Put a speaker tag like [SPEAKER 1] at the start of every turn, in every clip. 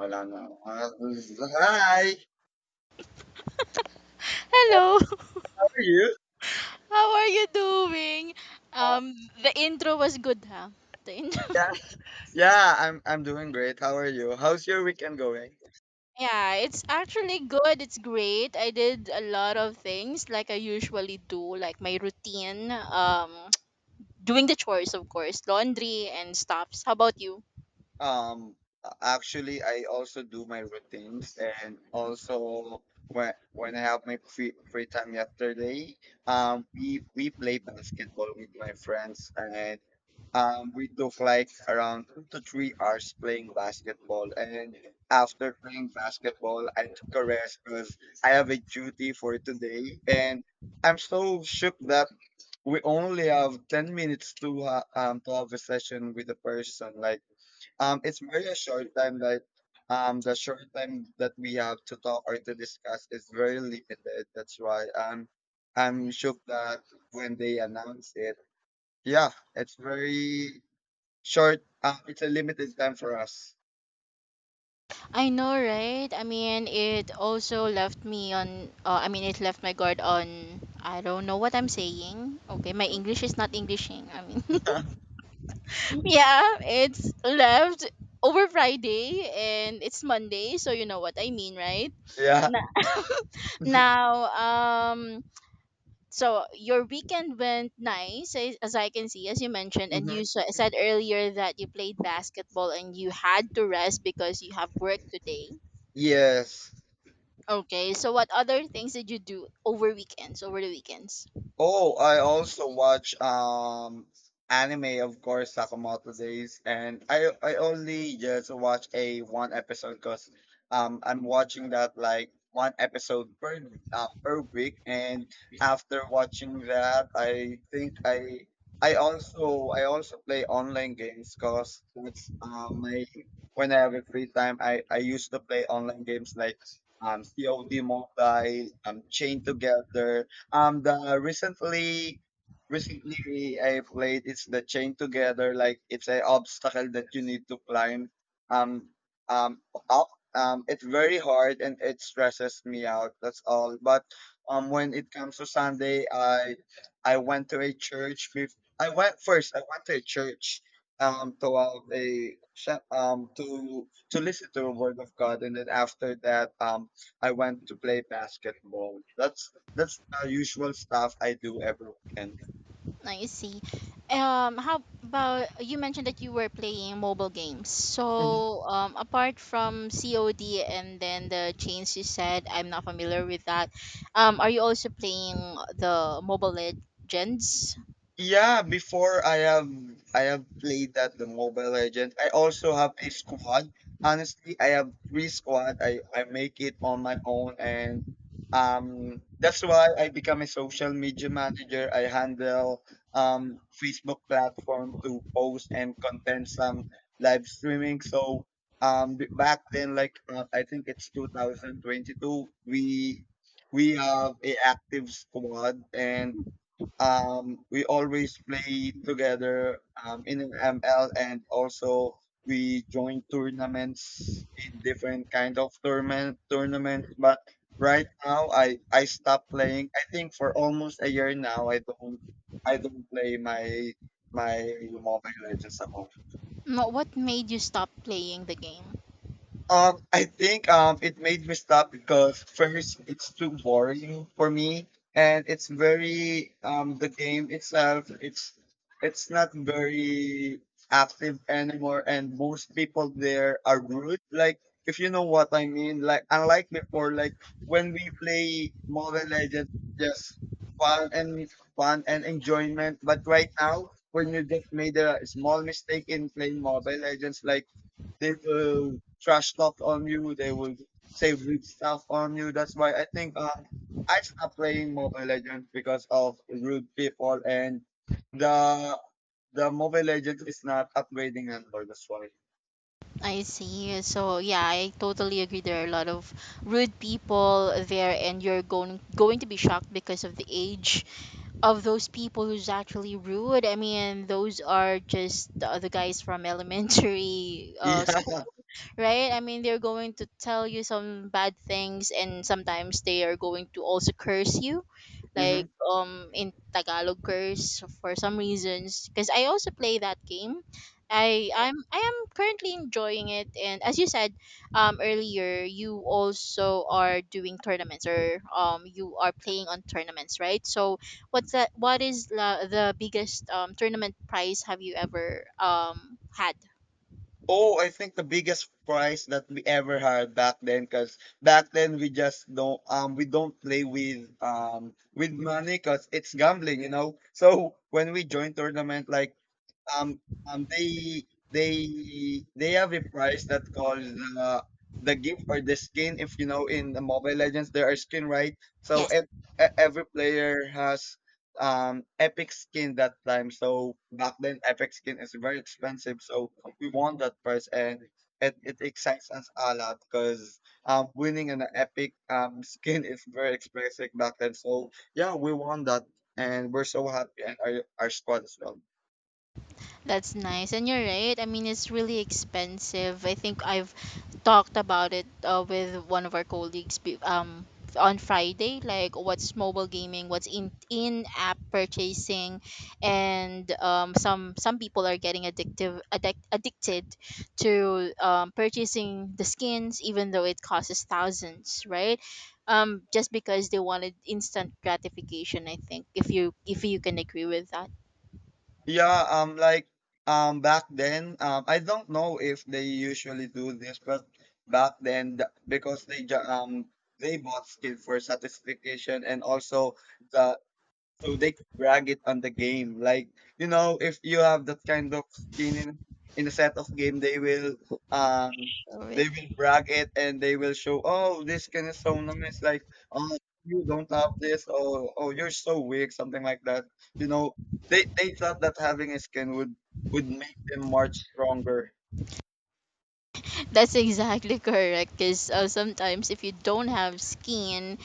[SPEAKER 1] Wala na. Ah, hi!
[SPEAKER 2] Hello,
[SPEAKER 1] How are you?
[SPEAKER 2] how are you doing? Um, the intro was good, huh? The intro.
[SPEAKER 1] Yeah, yeah, I'm doing great. How are you? How's your weekend going?
[SPEAKER 2] Yeah, it's actually good. It's great. I did a lot of things like I usually do, like my routine, doing the chores, of course, laundry and stuffs. How about you?
[SPEAKER 1] Um, Actually, I also do my routines and also when I have my free time yesterday, we play basketball with my friends and we took like around 2 to 3 hours playing basketball, and after playing basketball I took a rest because I have a duty for today, and I'm so shook that we only have 10 minutes to to have a session with a person. Like it's very short time that the short time that we have to talk or to discuss is very limited. That's why I'm shocked that when they announce it, yeah, it's very short. It's a limited time for us.
[SPEAKER 2] I know, right? I mean, it also left me on. I mean, it left my guard on. I don't know what I'm saying. Okay, my English is not Englishing. I mean, yeah, it's left over Friday and it's Monday, so you know what I mean, right?
[SPEAKER 1] Yeah.
[SPEAKER 2] Na- now, um, so your weekend went nice, as I can see, as you mentioned, and
[SPEAKER 1] Hmm.
[SPEAKER 2] you said earlier that you played basketball and you had to rest because you have work today.
[SPEAKER 1] Yes.
[SPEAKER 2] Okay, so what other things did you do over weekends, over the weekends?
[SPEAKER 1] Oh, I also watch anime, of course, Sakamoto Days, and I only just watch a one episode because I'm watching that like one episode per per week, and after watching that, I think I also play online games because that's my, when I have a free time, I used to play online games like COD Mobile, Chain Together. um, the uh, recently, Recently I played. It's the chain together. Like it's a obstacle that you need to climb Um, um, up. It's very hard and it stresses me out. That's all. But when it comes to Sunday, I went to a church. I went first. I went to a church to have a to listen to the word of God, and then after that, I went to play basketball. That's the usual stuff I do every weekend.
[SPEAKER 2] I see. How about you mentioned that you were playing mobile games. So, apart from COD and then the chains you said, I'm not familiar with that. Are you also playing the Mobile Legends?
[SPEAKER 1] Yeah, before I have played that the Mobile Legend. I also have a squad. Honestly, I have three squad. I make it on my own, and that's why I become a social media manager. I handle Facebook platform to post and content some live streaming. So back then, like I think it's 2022, we we have a active squad, and we always play together in an ML, and also we join tournaments in different kind of tournaments. But right now I stopped playing. I think for almost a year now I don't play my Mobile Legends at all.
[SPEAKER 2] No, what made you stop playing the game?
[SPEAKER 1] I think it made me stop because, first, it's too boring for me, and it's very the game itself. It's not very active anymore, and most people there are rude. Like, if you know what I mean. Like, unlike before, like when we play Mobile Legends, just fun and fun and enjoyment. But right now, when you just made a small mistake in playing Mobile Legends, like they will trash talk on you. They will say rude stuff on you. That's why, I think I stopped playing Mobile Legends because of rude people, and the the Mobile Legends is not upgrading anymore. That's why.
[SPEAKER 2] I see. So yeah, I totally agree. There are a lot of rude people there, and you're going to be shocked because of the age of those people who's actually rude. I mean, those are just the other guys from elementary school,
[SPEAKER 1] Yeah.
[SPEAKER 2] right? I mean, they're going to tell you some bad things, and sometimes they are going to also curse you,
[SPEAKER 1] Hmm.
[SPEAKER 2] like in Tagalog curse for some reasons. Because I also play that game. I am currently enjoying it, and as you said, earlier, you also are doing tournaments or you are playing on tournaments, right? So what's that? The biggest tournament prize have you ever had?
[SPEAKER 1] Oh, I think the biggest prize that we ever had back then, because back then we just don't we don't play with money because it's gambling, you know. So when we join tournament, like um, they they have a price that calls the gift or the skin. If you know, in the mobile legends there are skin, right? So every player has epic skin that time. So back then epic skin is very expensive, so we want that price, and it excites us a lot because winning an epic skin is very expensive back then. So yeah, we won that, and we're so happy, and our squad as well.
[SPEAKER 2] That's nice. And you're right. I mean, it's really expensive. I think I've talked about it with one of our colleagues on Friday, like what's mobile gaming, what's in app purchasing, and some people are getting addicted to purchasing the skins, even though it costs thousands, right? Just because they wanted instant gratification. I think if you can agree with that.
[SPEAKER 1] Yeah, like back then, I don't know if they usually do this, but back then, because they they bought skill for satisfaction and also the, so they could brag it on the game. Like, you know, if you have that kind of skin in a set of game, um
[SPEAKER 2] Sure.
[SPEAKER 1] they will brag it, and they will show, oh, this skin is so nice. Like, oh, you don't have this, or oh, you're so weak, something like that. You know, they thought that having a skin would make them much stronger.
[SPEAKER 2] That's exactly correct. Because sometimes if you don't have skin,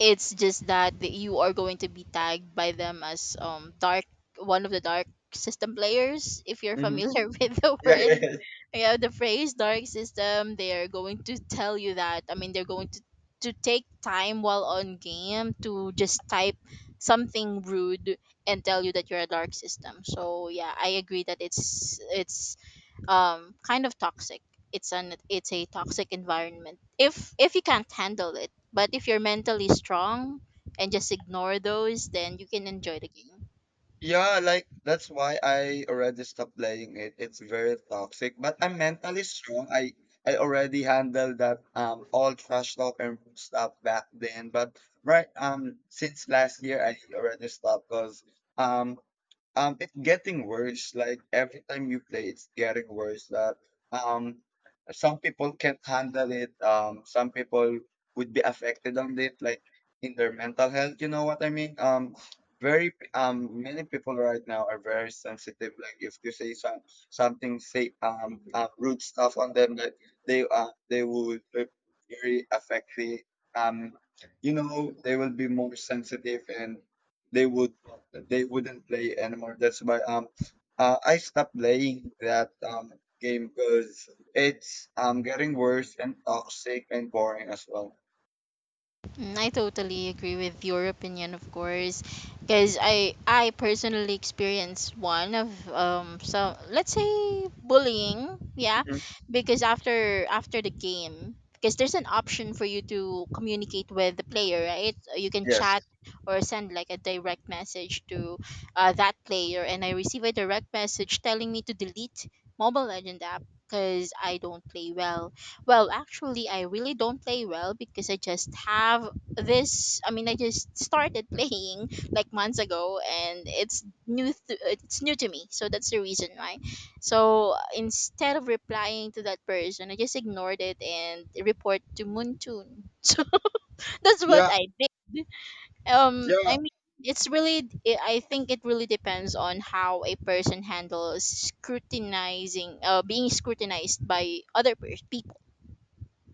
[SPEAKER 2] it's just that you are going to be tagged by them as dark, one of the dark system players. If you're
[SPEAKER 1] Hmm.
[SPEAKER 2] familiar with the
[SPEAKER 1] Yeah,
[SPEAKER 2] word,
[SPEAKER 1] yeah, yeah.
[SPEAKER 2] yeah, the phrase dark system, they are going to tell you that. I mean, they're going to take time while on game to just type something rude and tell you that you're a dark system. So yeah, I agree that it's kind of toxic, it's a toxic environment if you can't handle it, but if you're mentally strong and just ignore those, then you can enjoy the game.
[SPEAKER 1] Yeah, like that's why I already stopped playing it. It's very toxic, but I'm mentally strong. I already handled that all trash talk and stuff back then. But right since last year I already stopped because um it's getting worse. Like every time you play, it's getting worse. That um, some people can't handle it. Some people would be affected on it, like in their mental health. You know what I mean? Very many people right now are very sensitive. Like, if you say something, say rude stuff on them, that they would be very affected. Um, you know, they will be more sensitive, and they would they wouldn't play anymore. That's why I stopped playing that game because it's getting worse and toxic and boring as well.
[SPEAKER 2] Mm, I totally agree with your opinion, of course, because I personally experienced one of so let's say bullying, yeah,
[SPEAKER 1] Hmm.
[SPEAKER 2] because after the game, because there's an option for you to communicate with the player, right? You can
[SPEAKER 1] Yes.
[SPEAKER 2] chat or send like a direct message to that player, and I receive a direct message telling me to delete Mobile Legend app because I don't play well. Well, actually I really don't play well because I just have this. I just started playing like months ago and it's new to me, so that's the reason why. So instead of replying to that person I just ignored it and report to moontoon so that's what
[SPEAKER 1] Yeah,
[SPEAKER 2] I did.
[SPEAKER 1] yeah,
[SPEAKER 2] I mean, it's really, I think it really depends on how a person handles scrutinizing being scrutinized by other people.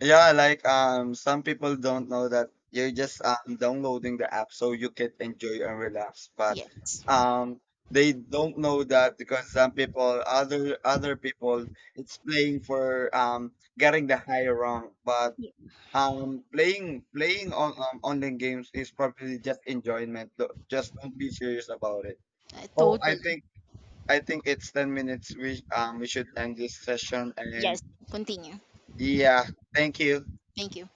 [SPEAKER 1] yeah. Like some people don't know that you're just downloading the app so you can enjoy and relax, but
[SPEAKER 2] Yes.
[SPEAKER 1] um they don't know that because some people other people, it's playing for getting the high rank. But
[SPEAKER 2] Yeah,
[SPEAKER 1] Playing on online games is probably just enjoyment. Just don't be serious about it. Oh,
[SPEAKER 2] totally.
[SPEAKER 1] I think it's 10 minutes. We should end this session.
[SPEAKER 2] Yes,
[SPEAKER 1] And
[SPEAKER 2] continue,
[SPEAKER 1] yeah, thank you.
[SPEAKER 2] thank you.